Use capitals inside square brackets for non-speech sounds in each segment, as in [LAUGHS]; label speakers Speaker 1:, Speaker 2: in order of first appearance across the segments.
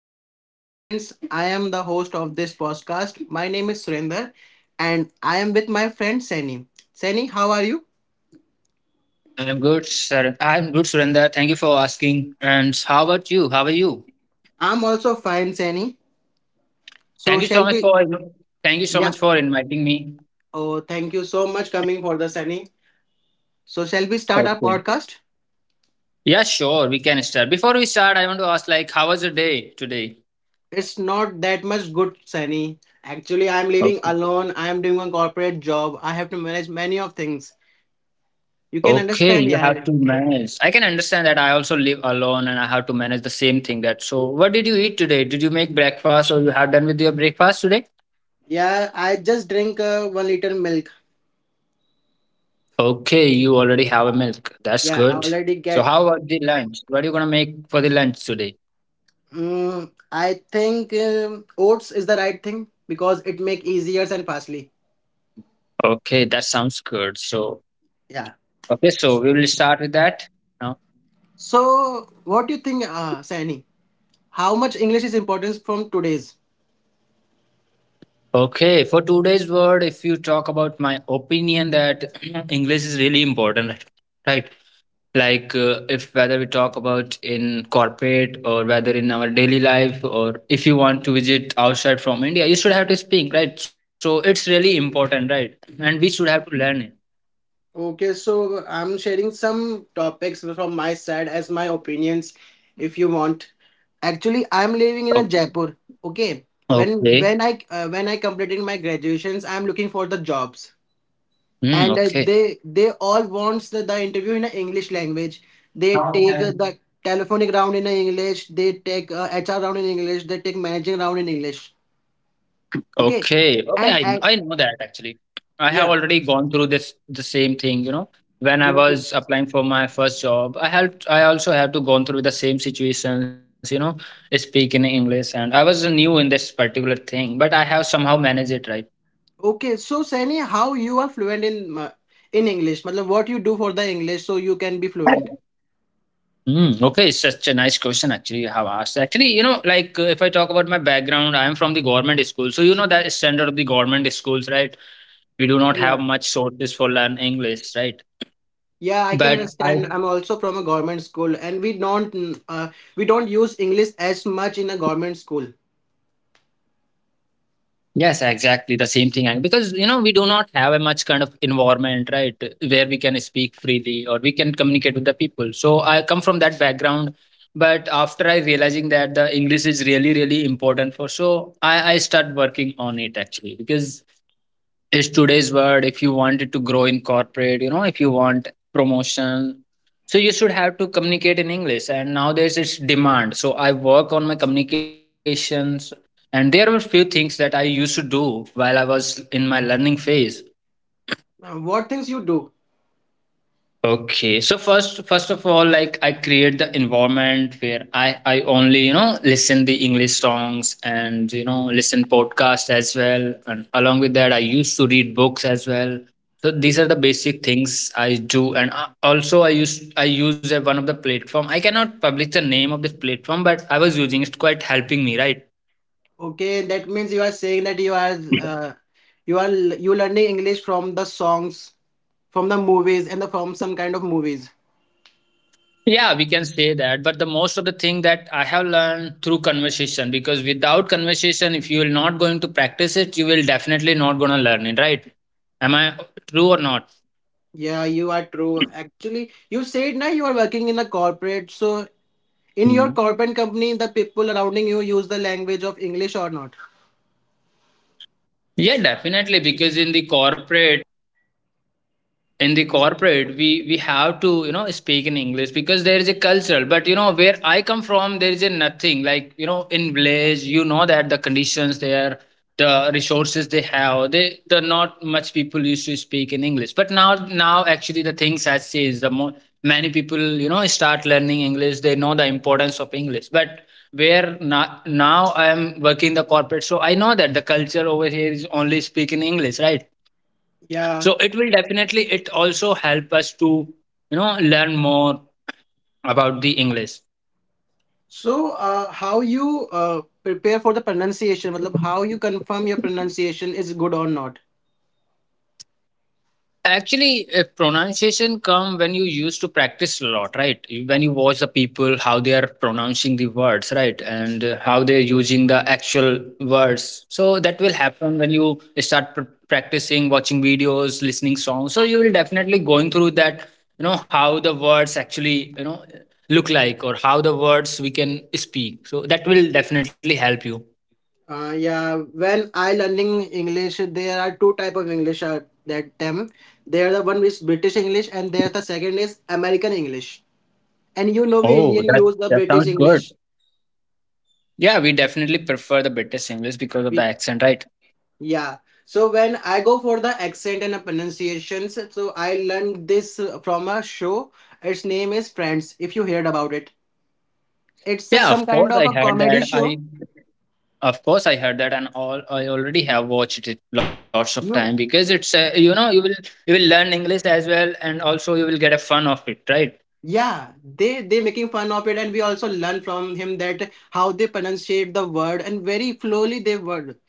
Speaker 1: listeners and my friends. I am the host of this podcast. My name is Surinder and I am with my friend Sani. Sani, how are you?
Speaker 2: I'm good, sir. I'm good, Surendra. Thank you for asking. And how about you? How are you?
Speaker 1: I'm also fine, Sani. So,
Speaker 2: Thank you
Speaker 1: shall
Speaker 2: so much
Speaker 1: we?
Speaker 2: for thank you so
Speaker 1: Yeah.
Speaker 2: much for inviting me.
Speaker 1: Oh, thank you so much coming for the Sani. So, shall we start our
Speaker 2: Okay.
Speaker 1: podcast?
Speaker 2: Yeah, sure. We can start. Before we start, I want to ask, like, how was your day today?
Speaker 1: It's not that much good, Sani. Actually, I'm living
Speaker 2: Okay.
Speaker 1: alone. I'm doing a corporate job. I have to manage many of things. You can
Speaker 2: Okay,
Speaker 1: understand,
Speaker 2: you
Speaker 1: yeah.
Speaker 2: have to manage. I can understand that. I also live alone, and I have to manage the same thing. That so. What did you eat today? Did you make breakfast, or you have done with your breakfast today?
Speaker 1: Yeah, I just drink 1 liter milk.
Speaker 2: Okay, you already have a milk. That's good.
Speaker 1: Yeah, I
Speaker 2: So
Speaker 1: already
Speaker 2: how
Speaker 1: get.
Speaker 2: about the lunch? What are you gonna make for the lunch today?
Speaker 1: I think oats is the right thing because it make easier and fastly.
Speaker 2: Okay, that sounds good. So,
Speaker 1: Yeah.
Speaker 2: okay, so we will start with that now.
Speaker 1: So what do you think, Sani? How much English is important from today's?
Speaker 2: Okay, for today's word, if you talk about my opinion that [CLEARS THROAT] English is really important, right? Like, if whether we talk about in corporate or whether in our daily life, or if you want to visit outside from India, you should have to speak, right? So, it's really important, right? And we should have to learn it.
Speaker 1: Okay, so I'm sharing some topics from my side as my opinions, if you want. Actually, I'm living in a
Speaker 2: Okay.
Speaker 1: Jaipur. Okay,
Speaker 2: Okay.
Speaker 1: when I completed my graduations, I'm looking for the jobs.
Speaker 2: Hmm,
Speaker 1: And
Speaker 2: okay.
Speaker 1: they all wants the interview in a english language. They take the telephonic round in a english. They take hr round in english. They take managing round in english. Okay,
Speaker 2: Okay. Okay.
Speaker 1: and
Speaker 2: I I know that actually. I have
Speaker 1: yeah,
Speaker 2: already gone through this the same thing, you know. When I
Speaker 1: you are good.
Speaker 2: was applying for my first job, I also had to gone through the same situations, you know, speak in English and I was new in this particular thing, but I have somehow managed it right.
Speaker 1: Okay, so Sani, how you are fluent in uh, in english, Matlab, what you do for the english so you can be fluent.
Speaker 2: Mm, okay, it's such a nice question actually you have asked. Actually, you know, like if I talk about my background, I am from the government school. So you know that standard of the government schools, right? We do not
Speaker 1: Yeah.
Speaker 2: have much sources for learn English, right?
Speaker 1: Yeah, I can
Speaker 2: But I
Speaker 1: understand. I'm also from a government school, and we don't use English as much in a government school.
Speaker 2: yes, exactly the same thing. And because you know we do not have a much kind of environment, right, where we can speak freely or we can communicate with the people. So I come from that background, but after I realizing that the English is really really important for, so I start working on it actually because is today's word if you wanted to grow in corporate, you know, if you want promotion, so you should have to communicate in English and nowadays it's demand. So I work on my communications, and there were few things that I used to do while I was in my learning phase.
Speaker 1: What things you do?
Speaker 2: Okay, so first of all, like I create the environment where I only you know listen the English songs and you know listen podcast as well, and along with that, I used to read books as well. So these are the basic things I do, and also I use a, one of the platform. I cannot publish the name of this platform, but I was using it quite helping me, right?
Speaker 1: Okay, that means you are saying that you are you are you learning English from the songs, from the movies, and from some kind of movies.
Speaker 2: Yeah, we can say that. But the most of the thing that I have learned through conversation, because without conversation, if you are not going to practice it, you will definitely not gonna learn it, right? Am I true or not?
Speaker 1: Yeah, you are true. Actually, you said now you are working in a corporate. So in your
Speaker 2: Mhm.
Speaker 1: corporate company, the people surrounding you use the language of English or not?
Speaker 2: Yeah, definitely. Because in the corporate we have to you know speak in English because there is a cultural but you know where I come from there is a nothing like you know in village you know that the conditions there, the resources they have they the not much people used to speak in English. But now actually the things has changed. The more many people you know start learning English, they know the importance of English. But where now I am working the corporate, so I know that the culture over here is only speaking English, right?
Speaker 1: Yeah.
Speaker 2: So it will definitely it also help us to you know learn more about the English.
Speaker 1: So how you prepare for the pronunciation? मतलब, how you confirm your pronunciation is good or not?
Speaker 2: Actually pronunciation come when you used to practice a lot, right? You- when you watch the people how they are pronouncing the words, right? And how they're using the actual words, so that will happen when you start practicing watching videos listening songs, so you will definitely going through that, you know, how the words actually you know look like or how the words we can speak, so that will definitely help you.
Speaker 1: Yeah, when I learning English, there are two type of English at that time. There the one is British English, and there's the second is American English. And you know, we
Speaker 2: Oh,
Speaker 1: Indian
Speaker 2: that
Speaker 1: use the
Speaker 2: that
Speaker 1: British
Speaker 2: sounds good.
Speaker 1: English.
Speaker 2: Yeah, we definitely prefer the British English because of the
Speaker 1: We
Speaker 2: accent, right?
Speaker 1: Yeah. So when I go for the accent and the pronunciations, so I learned this from a show. Its name is Friends. If you heard about it, it's
Speaker 2: Yeah,
Speaker 1: some
Speaker 2: of
Speaker 1: kind
Speaker 2: course
Speaker 1: of
Speaker 2: I
Speaker 1: a
Speaker 2: heard
Speaker 1: comedy
Speaker 2: that. I
Speaker 1: show.
Speaker 2: of course I heard that, and all I already have watched it lots of time
Speaker 1: You
Speaker 2: because it's you know you will learn English as well, and also you will get a fun of it, right?
Speaker 1: Yeah, they making fun of it, and we also learn from him that how they pronunciate the word and very slowly they word.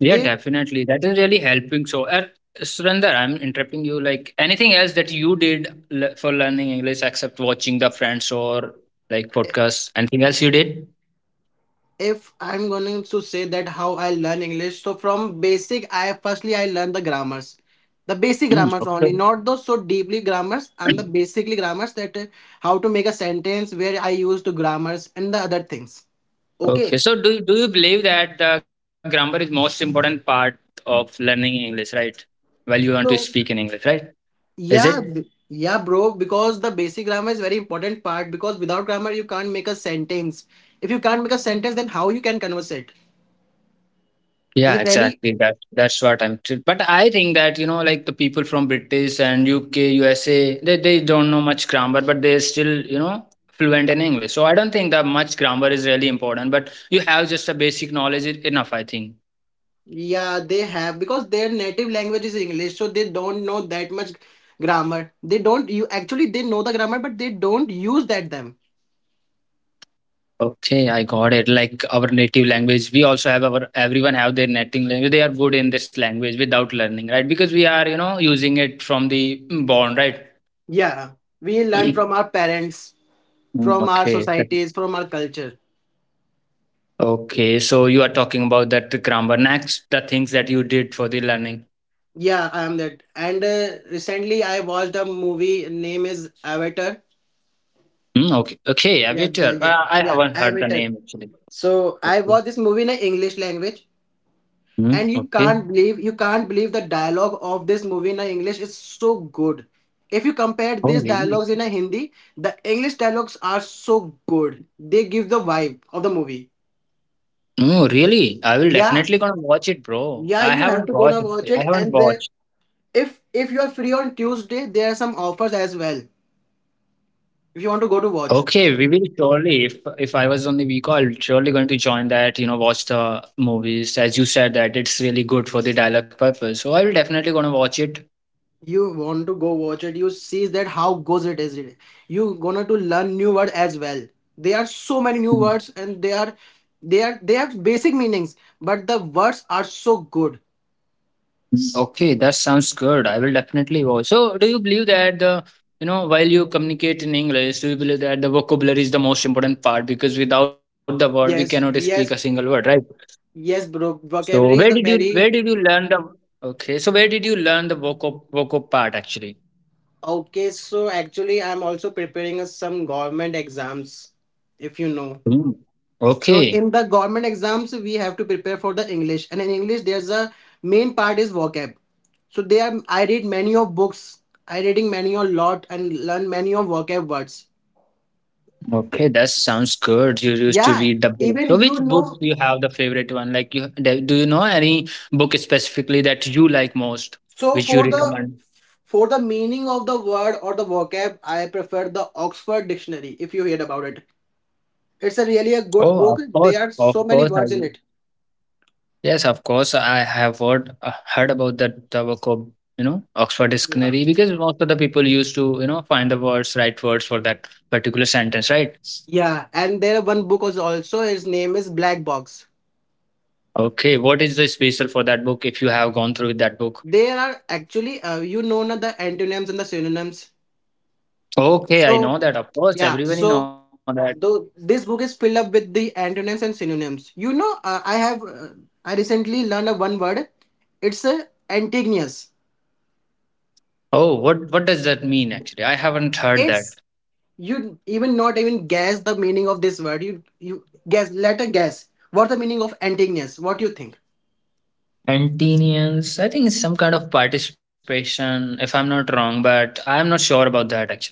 Speaker 2: Yeah,
Speaker 1: They
Speaker 2: definitely. That is really helping. So, Surinder, I'm interrupting you. Like anything else that you did for learning English except watching the Friends or like podcasts? Anything else you did?
Speaker 1: If I'm going to say that how I learn English, so from basic, I firstly I learn the grammars, the basic
Speaker 2: Mm,
Speaker 1: grammars
Speaker 2: okay.
Speaker 1: only, not those so deeply grammars. I'm the basically grammars that how to make a sentence where I use the grammars and the other things.
Speaker 2: Okay,
Speaker 1: Okay,
Speaker 2: so do you believe that the grammar is most important part of learning English, right? While you want to speak in
Speaker 1: so.
Speaker 2: English, right? Is it?
Speaker 1: Yeah, bro. Because the basic grammar is very important part. Because without grammar, you can't make a sentence. If you can't make a sentence, then how you can converse it? Is
Speaker 2: Yeah,
Speaker 1: it any?
Speaker 2: exactly. That that's what I'm. But I think that you know, like the people from British and UK, USA, they don't know much grammar, but they're still you know fluent in English. So I don't think that much grammar is really important. But you have just a basic knowledge is enough, I think.
Speaker 1: Yeah, they have because their native language is English, so they don't know that much grammar. They don't. You Actually, they know the grammar, but they don't use that them.
Speaker 2: Okay, I got it. Like our native language, we also have our everyone have their native language. They are good in this language without learning, right? Because we are, you know, using it from the born, right?
Speaker 1: Yeah, we learn from
Speaker 2: [CLEARS THROAT]
Speaker 1: our parents,
Speaker 2: Mm,
Speaker 1: from our
Speaker 2: okay.
Speaker 1: societies, from our culture.
Speaker 2: Okay. So you are talking about that the grammar. Next, the things that you did for the learning.
Speaker 1: Yeah, I am that. And recently, I watched a movie. Name is Avatar.
Speaker 2: Mm, okay. Okay,
Speaker 1: Yeah,
Speaker 2: Avatar.
Speaker 1: yeah,
Speaker 2: I
Speaker 1: yeah.
Speaker 2: haven't heard the
Speaker 1: Avatar.
Speaker 2: name actually.
Speaker 1: So I
Speaker 2: Okay.
Speaker 1: watched this movie in a English language,
Speaker 2: Mm,
Speaker 1: and
Speaker 2: okay.
Speaker 1: you can't believe the dialogue of this movie in a English is so good. If you compare
Speaker 2: Oh,
Speaker 1: these
Speaker 2: really?
Speaker 1: dialogues in a Hindi, the English dialogues are so good. They give the vibe of the movie.
Speaker 2: Oh, really? I will
Speaker 1: Yeah,
Speaker 2: definitely gonna watch it, bro.
Speaker 1: yeah.
Speaker 2: I
Speaker 1: You have
Speaker 2: haven't
Speaker 1: to go
Speaker 2: watched
Speaker 1: now
Speaker 2: it.
Speaker 1: watch
Speaker 2: I
Speaker 1: it,
Speaker 2: haven't
Speaker 1: and
Speaker 2: watched.
Speaker 1: if you are free on Tuesday, there are some offers as well. If you want to go to
Speaker 2: Okay,
Speaker 1: watch.
Speaker 2: we will surely, if I was on the week, I'll surely going to join that, you know, watch the movies. As you said that it's really good for the dialogue purpose. So I will definitely gonna watch it.
Speaker 1: You want to go watch it, you see that how goes it is. You gonna to learn new word as well. There are so many new
Speaker 2: Mm.
Speaker 1: words, and they have basic meanings, but the words are so good.
Speaker 2: Okay, that sounds good. I will definitely watch. So do you believe that the you know, while you communicate in English, do you believe that the vocabulary is the most important part? Because without the word, we cannot
Speaker 1: Yes,
Speaker 2: speak a single
Speaker 1: yes,
Speaker 2: word, right?
Speaker 1: yes, bro,
Speaker 2: So where
Speaker 1: vocabulary
Speaker 2: did
Speaker 1: is the
Speaker 2: you where did
Speaker 1: very.
Speaker 2: you learn the okay? So where did you learn the vocab part actually?
Speaker 1: Okay, so actually I'm also preparing some government exams, if you know.
Speaker 2: Mm.
Speaker 1: So in
Speaker 2: Okay.
Speaker 1: the government exams, we have to prepare for the English, and in English, there's a main part is vocab. So there I read many of books. I reading many a lot and learn many of vocab words.
Speaker 2: Okay, that sounds good. You used to
Speaker 1: Yeah,
Speaker 2: read the book.
Speaker 1: even
Speaker 2: So,
Speaker 1: you
Speaker 2: which book
Speaker 1: know.
Speaker 2: do you have the favorite one? Like, you do you know any book specifically that you like most,
Speaker 1: So
Speaker 2: which you
Speaker 1: for the
Speaker 2: recommend?
Speaker 1: for the meaning of the word or the vocab, I prefer the Oxford Dictionary. If you heard about it, it's a really a
Speaker 2: Oh,
Speaker 1: good book. There are
Speaker 2: of
Speaker 1: so
Speaker 2: course,
Speaker 1: many
Speaker 2: I
Speaker 1: words in
Speaker 2: will.
Speaker 1: it.
Speaker 2: Yes, of course, I have heard heard about that the book of you know Oxford
Speaker 1: Yeah.
Speaker 2: Dictionary because most of the people used to you know find the words, right words for that particular sentence, right?
Speaker 1: Yeah, and there one book was also his name is Black Box.
Speaker 2: Okay, what is the special for that book if you have gone through with that book?
Speaker 1: There are actually you know na the antonyms and the synonyms.
Speaker 2: Okay, I know
Speaker 1: So
Speaker 2: that. Of course,
Speaker 1: yeah,
Speaker 2: everyone know
Speaker 1: so
Speaker 2: that.
Speaker 1: though this book is filled up with the antonyms and synonyms, you know, I recently learned a one word. It's a antagonious.
Speaker 2: Oh, what does that mean actually? I haven't heard that.
Speaker 1: It's, you even not even guess the meaning of this word. You guess, let a guess what the meaning of antagonious, what do you think?
Speaker 2: Antenians, I think it's some kind of participation, if I'm not wrong, but I'm not sure about that actually.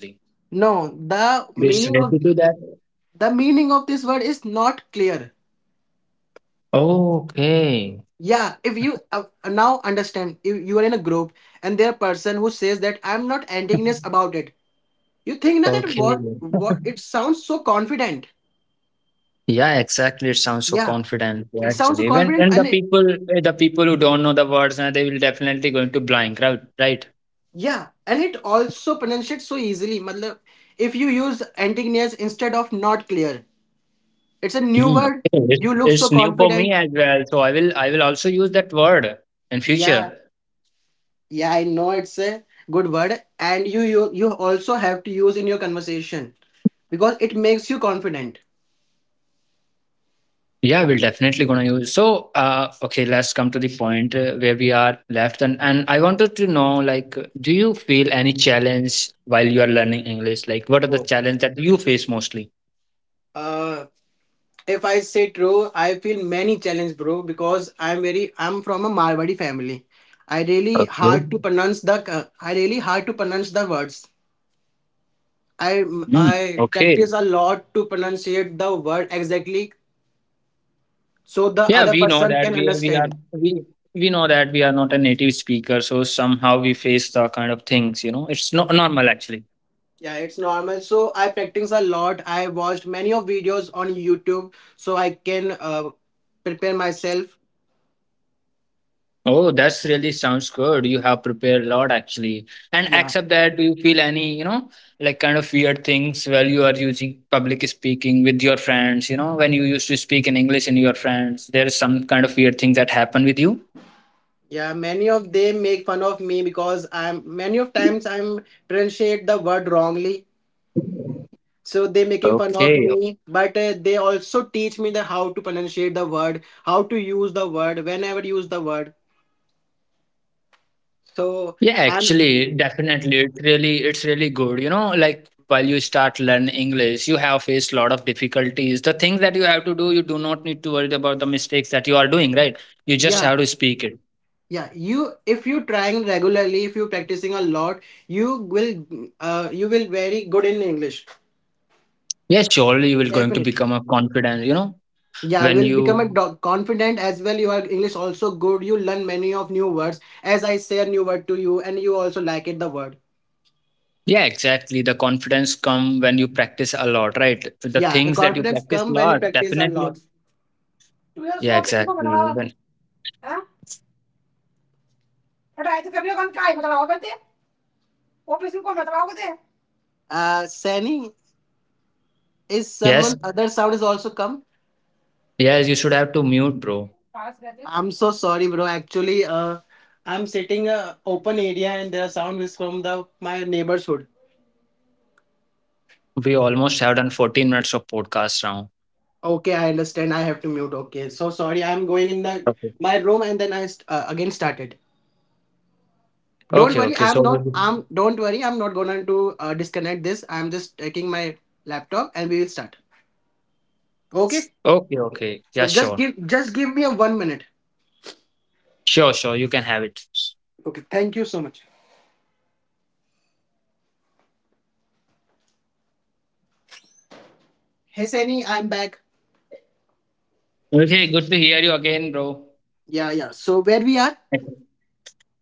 Speaker 1: No, the
Speaker 2: Just
Speaker 1: meaning
Speaker 2: refer
Speaker 1: of
Speaker 2: to that.
Speaker 1: the meaning of this word is not clear.
Speaker 2: Okay.
Speaker 1: Yeah, if you now understand, if you are in a group, and there are person who says that I'm not antagonist
Speaker 2: [LAUGHS]
Speaker 1: about it, you think now that
Speaker 2: Okay.
Speaker 1: what, it sounds so confident.
Speaker 2: Yeah, exactly. It sounds so
Speaker 1: Yeah,
Speaker 2: confident
Speaker 1: it sounds so
Speaker 2: actually. When
Speaker 1: confident,
Speaker 2: and the
Speaker 1: and it
Speaker 2: people the people who don't know the words and they will definitely going to blank, right? Right.
Speaker 1: yeah, and it also pronunciates so easily, Matlab, if you use antagonist instead of not clear, it's a new
Speaker 2: Mm,
Speaker 1: word.
Speaker 2: okay.
Speaker 1: You look so
Speaker 2: It's new for me
Speaker 1: confident.
Speaker 2: as well. So I will also use that word in
Speaker 1: Yeah,
Speaker 2: future.
Speaker 1: yeah, I know, it's a good word, and you also have to use in your conversation because it makes you confident.
Speaker 2: Yeah, we're definitely gonna use. So, okay, let's come to the point where we are left, and I wanted to know, like, do you feel any challenge while you are learning English? Like, what are the
Speaker 1: Whoa.
Speaker 2: challenge that you face mostly?
Speaker 1: If I say true, I feel many challenge, bro, because I'm from a Marwari family.
Speaker 2: Okay.
Speaker 1: I really hard to pronounce the words. I
Speaker 2: Mm,
Speaker 1: I
Speaker 2: okay.
Speaker 1: practice a lot to pronunciate the word exactly so the
Speaker 2: Yeah,
Speaker 1: other
Speaker 2: we know
Speaker 1: person
Speaker 2: that
Speaker 1: can understand.
Speaker 2: we know that we are not a native speaker, so somehow we face the kind of things. You know, it's not normal actually.
Speaker 1: Yeah, it's normal. So I practice a lot. I watched many of videos on YouTube so I can prepare myself.
Speaker 2: Oh, that's really sounds good. You have prepared a lot actually. And
Speaker 1: Yeah.
Speaker 2: except that, do you feel any, you know, like kind of weird things while you are using public speaking with your friends? You know, when you used to speak in English in your friends, there is some kind of weird thing that happened with you?
Speaker 1: Yeah, many of them make fun of me because I'm many of times I'm pronunciate the word wrongly. So they making fun of
Speaker 2: Okay.
Speaker 1: me, but they also teach me the how to pronunciate the word, how to use the word, whenever use the word. So
Speaker 2: Yeah,
Speaker 1: I'm.
Speaker 2: actually, definitely. It's really good. You know, like while you start learn English, you have faced a lot of difficulties. The things that you have to do, you do not need to worry about the mistakes that you are doing, right? You just
Speaker 1: Yeah,
Speaker 2: have to speak it.
Speaker 1: yeah, you if you trying regularly, if you practicing a lot, you will you will very good in English.
Speaker 2: Yeah, surely you will going to
Speaker 1: Definitely.
Speaker 2: become a confident, you know,
Speaker 1: Yeah, you
Speaker 2: when
Speaker 1: will become a
Speaker 2: you
Speaker 1: confident as well, your english also good, you learn many of new words, as I say a new word to you and you also like it the word.
Speaker 2: yeah, exactly. The confidence come when you practice a lot, right? The
Speaker 1: Yeah, the
Speaker 2: things that you
Speaker 1: confidence
Speaker 2: practice a
Speaker 1: come when you
Speaker 2: lot,
Speaker 1: practice a
Speaker 2: definitely.
Speaker 1: lot. तू यार
Speaker 2: Yeah,
Speaker 1: सोच तू को बताओ।
Speaker 2: exactly. When
Speaker 1: हां, हटाए तो कभी कौन काय बताओ करते? ऑफिस में कौन बताओ करते? Sani, is
Speaker 2: yes,
Speaker 1: someone other sound is also come?
Speaker 2: yes, you should have to mute, bro.
Speaker 1: पास रहते, I'm so sorry, bro, actually I'm sitting a open area, and the sound is from the my neighborhood.
Speaker 2: We almost have done 14 minutes of podcast now.
Speaker 1: Okay, I understand. I have to mute. Okay, so sorry. I'm going in the
Speaker 2: Okay.
Speaker 1: my room, and then again started. Don't
Speaker 2: Okay,
Speaker 1: worry.
Speaker 2: okay.
Speaker 1: I'm
Speaker 2: So
Speaker 1: not. I'm. Don't worry. I'm not gonna to disconnect this. I'm just taking my laptop, and we will start. Okay.
Speaker 2: okay, okay. Yeah,
Speaker 1: So just
Speaker 2: sure.
Speaker 1: give just give me a one minute.
Speaker 2: Sure, sure. You can have it.
Speaker 1: Okay. Thank you so much. Hey, Sani. I'm back.
Speaker 2: Okay, good to hear you again, bro.
Speaker 1: Yeah, yeah. So where we are?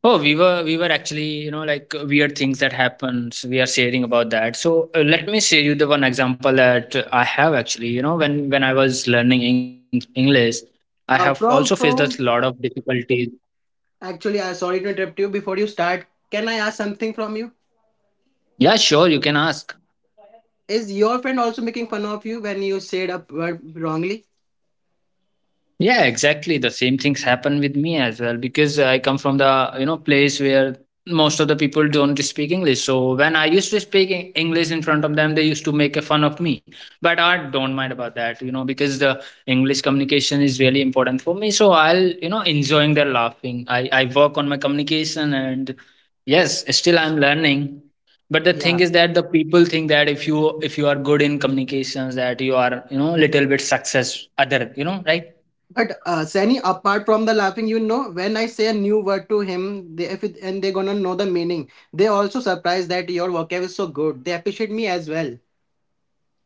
Speaker 2: Oh, we were actually, you know, like weird things that happens. We are sharing about that. So let me share you the one example that I have actually. You know, when I was learning Eng- English, I have
Speaker 1: Uh,
Speaker 2: also faced
Speaker 1: from
Speaker 2: a lot
Speaker 1: from.
Speaker 2: of difficulties.
Speaker 1: Actually, I sorry to interrupt you. Before you start, can I ask something from you?
Speaker 2: Yeah, sure, you can ask.
Speaker 1: Is your friend also making fun of you when you said a word wrongly?
Speaker 2: Yeah, exactly. The same things happen with me as well because I come from the you know place where most of the people don't speak English. So when I used to speak Eng- English in front of them, they used to make a fun of me. But I don't mind about that, you know, because the English communication is really important for me. So I'll you know enjoying their laughing. I work on my communication and yes, still I'm learning. But the thing
Speaker 1: Yeah.
Speaker 2: is that the people think that if you are good in communications, that you are you know little bit success other you know right.
Speaker 1: But Sani, apart from the laughing, you know, when I say a new word to him, they if it, and they're gonna know the meaning. They also surprised that your vocab is so good. They appreciate me as well.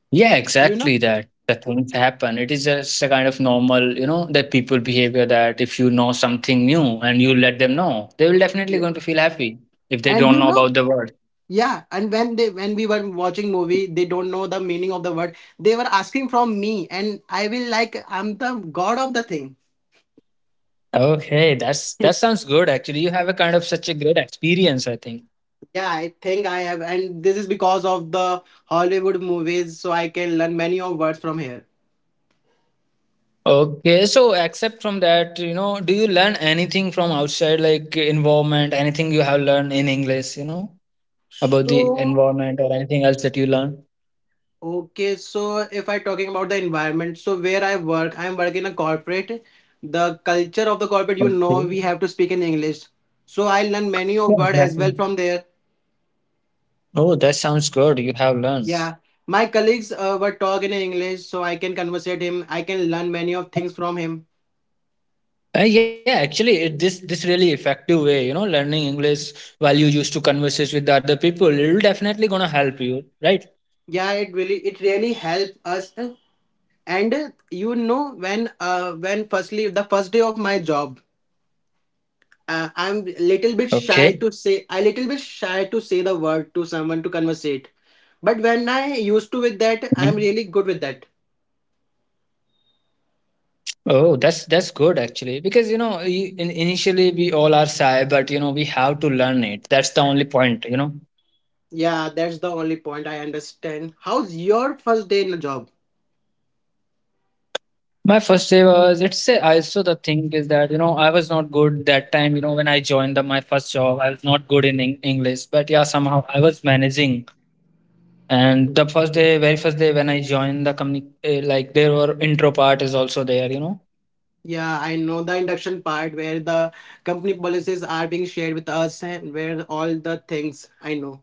Speaker 2: Yeah,
Speaker 1: You know.
Speaker 2: exactly that. The things happen. It is just a kind of normal, you know, that people behavior that if you know something new and you let them know, they will definitely
Speaker 1: Yeah.
Speaker 2: going to feel happy if they
Speaker 1: And
Speaker 2: don't
Speaker 1: you
Speaker 2: know
Speaker 1: know,
Speaker 2: about the word.
Speaker 1: yeah. And when we were watching movie, they don't know the meaning of the word. They were asking from me, and I will like I'm the god of the thing.
Speaker 2: Okay, that's that sounds
Speaker 1: [LAUGHS]
Speaker 2: good actually. You have a kind of such a great experience, I think.
Speaker 1: Yeah, I think I have, and this is because of the Hollywood movies, so I can learn many of words from here.
Speaker 2: Okay, so except from that, you know, do you learn anything from outside like environment, anything you have learned in English, you know, about the
Speaker 1: So.
Speaker 2: environment or anything else that you learn?
Speaker 1: Okay, so if I talking about the environment, so where I work, I am working in a corporate. The culture of the corporate, you
Speaker 2: Okay.
Speaker 1: know, we have to speak in English. So I learn many
Speaker 2: Yeah,
Speaker 1: of word as
Speaker 2: exactly.
Speaker 1: well from there.
Speaker 2: Oh, that sounds good. You have learned.
Speaker 1: Yeah, my colleagues were talk in English, so I can conversate him. I can learn many of things from him.
Speaker 2: Yeah, actually, it, this really effective way, you know, learning English while you used to converses with the other people, it'll definitely gonna help you, right?
Speaker 1: Yeah, it really helped us. And you know, when firstly the first day of my job,
Speaker 2: Okay.
Speaker 1: I little bit shy to say the word to someone to conversate. But when I used to
Speaker 2: Mhm.
Speaker 1: with that, I'm really good with that.
Speaker 2: Oh, that's good actually, because you know, I- in, initially we all are shy, but you know, we have to learn it. That's the only point, you know.
Speaker 1: Yeah, that's the only point I understand. How's your first day in the job?
Speaker 2: My first day was it's a, also the thing is that you know I was not good that time. You know, when I joined the, my first job, I was not good in Eng- English, but yeah, somehow I was managing. And the first day, very first day when I joined the company, eh, like there were intro part is also there, you know.
Speaker 1: Yeah, I know the induction part where the company policies are being shared with us and where all the things I know.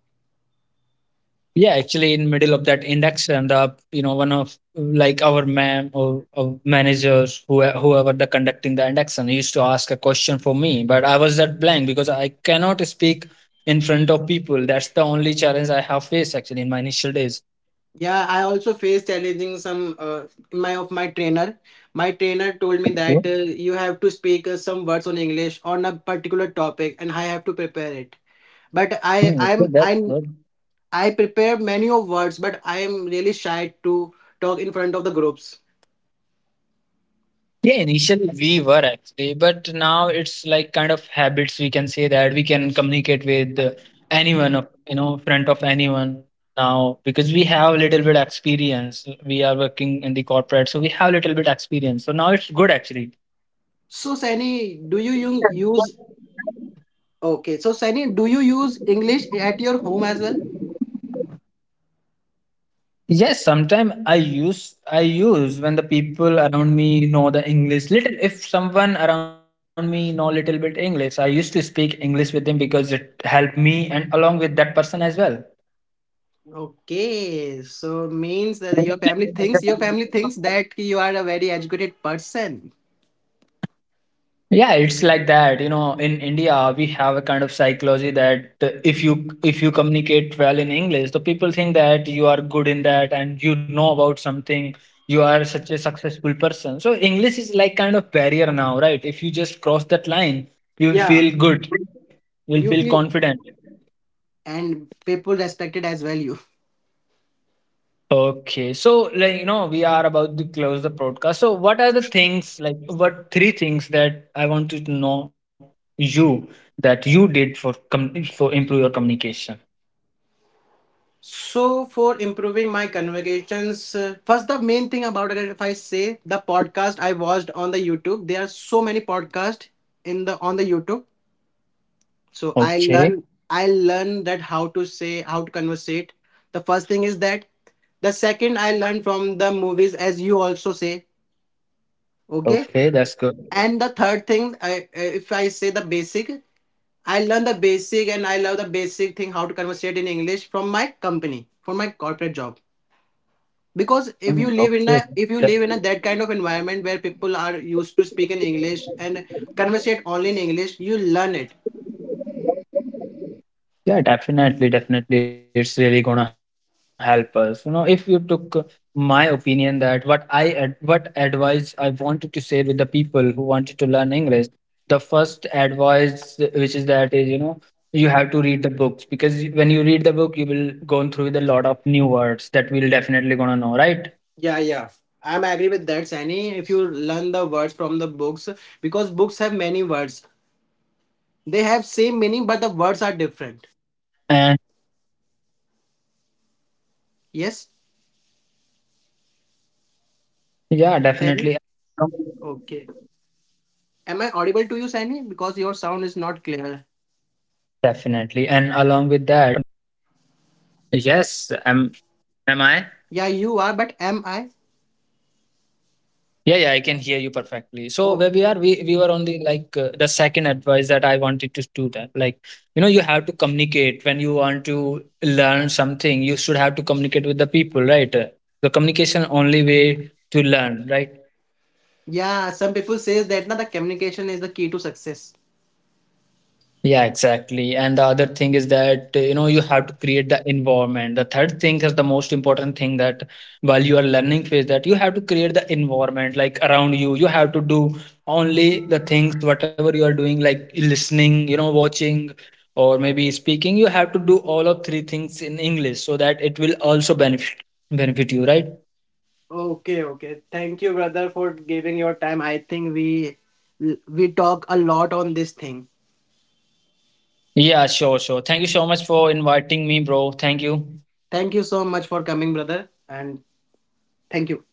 Speaker 2: Yeah, actually in middle of that index and the you know one of like our ma'am or managers who whoever the conducting the induction used to ask a question for me, but I was that blank because I cannot speak in front of people. That's the only challenge I have faced actually in my initial days.
Speaker 1: Yeah, I also faced challenging some my of my trainer. My trainer told me that
Speaker 2: Okay.
Speaker 1: you have to speak some words on English on a particular topic, and I have to prepare it. But I
Speaker 2: Hmm,
Speaker 1: I'm
Speaker 2: okay, that's good.
Speaker 1: I prepare many of words, but I am really shy to talk in front of the groups.
Speaker 2: Yeah, initially we were actually, but now it's like kind of habits. We can say that we can communicate with anyone, of- you know, front of anyone now because we have a little bit experience. We are working in the corporate, so we have a little bit experience. So now it's good actually.
Speaker 1: So Sani, do you u- use okay? So Sani, do you use English at your home as well?
Speaker 2: Yes, sometimes I use when the people around me know the English little. If someone around me know little bit English, I used to speak English with them because it helped me and along with that person as well.
Speaker 1: Okay, so means
Speaker 2: Yeah,
Speaker 1: that your family thinks that you are a very educated person.
Speaker 2: it's like that, you know, in India we have a kind of psychology that if you, if you communicate well in English, the people think that you are good in that and you know about something. You are such a successful person, so English is like kind of barrier now, right? If you just cross that line, you will
Speaker 1: Yeah,
Speaker 2: feel good, you will
Speaker 1: you
Speaker 2: feel
Speaker 1: feel,
Speaker 2: confident.
Speaker 1: and people respected as well, you.
Speaker 2: Okay, so like you know, we are about to close the broadcast. So, what are the things like what three things that I want to know you that you did for com- for improve your communication?
Speaker 1: So for improving my conversations, first the main thing about it, if I say the podcast I watched on the YouTube, there are so many podcasts in the on the YouTube. So
Speaker 2: Okay,
Speaker 1: I learn that how to say, how to conversate, the first thing is that. The second, I learned from the movies, as you also say. Okay.
Speaker 2: okay, that's good.
Speaker 1: And the third thing, if I say the basic, I learned the basic, and I love the basic thing how to conversate in English from my company, from my corporate job. Because
Speaker 2: Mm,
Speaker 1: if you
Speaker 2: okay,
Speaker 1: live in a
Speaker 2: that.
Speaker 1: if you live in a that kind of environment where people are used to speak in English and conversate only in English, you learn it.
Speaker 2: Yeah, definitely, definitely, it's really gonna help us. You know, if you took my opinion that what I ad- what advice I wanted to share with the people who wanted to learn English, the first advice which is that is you know you have to read the books because y- when you read the book you will go through with a lot of new words that we'll definitely gonna know, right?
Speaker 1: Yeah, yeah. I'm agree with that,
Speaker 2: And
Speaker 1: Sani. If you learn the words from the books, because books have many words. They
Speaker 2: yeah,
Speaker 1: have same
Speaker 2: definitely.
Speaker 1: meaning, but the words are different.
Speaker 2: Definitely. And along with that, you know, without
Speaker 1: Yes,
Speaker 2: practicing, you cannot be the perfect. You, so you should have to practice whether you can
Speaker 1: Sani?
Speaker 2: use a um,
Speaker 1: Okay.
Speaker 2: platform, any
Speaker 1: Am I
Speaker 2: platform. There are a
Speaker 1: audible
Speaker 2: lot
Speaker 1: to
Speaker 2: of
Speaker 1: you, Sani? Because your sound is not clear.
Speaker 2: platforms. Yes, am I?
Speaker 1: Yeah, you are, but am I?
Speaker 2: Yeah, yeah, I can hear you perfectly. So where we are, we were on the like the second advice that I wanted to do that. Like, you know, you have to communicate when you want to learn something. You should have to communicate with the people, right? The communication only way to learn, right?
Speaker 1: Yeah, some people says that na the communication is the key to success.
Speaker 2: Yeah, exactly. And the other thing is that, you know, you have to create the environment. The third thing is the most important thing that while you are learning phase that you have to create the environment like around you. You have to do only the things, whatever you are doing, like listening, you know, watching or maybe speaking. You have to do all of three things in English so that it will also benefit benefit you, right?
Speaker 1: Okay, okay. Thank you, brother, for giving your time. I think we talk a lot on this thing.
Speaker 2: Yeah, sure, sure. Thank you so much for inviting me, bro. Thank you.
Speaker 1: Thank you so much for coming, brother, and thank you.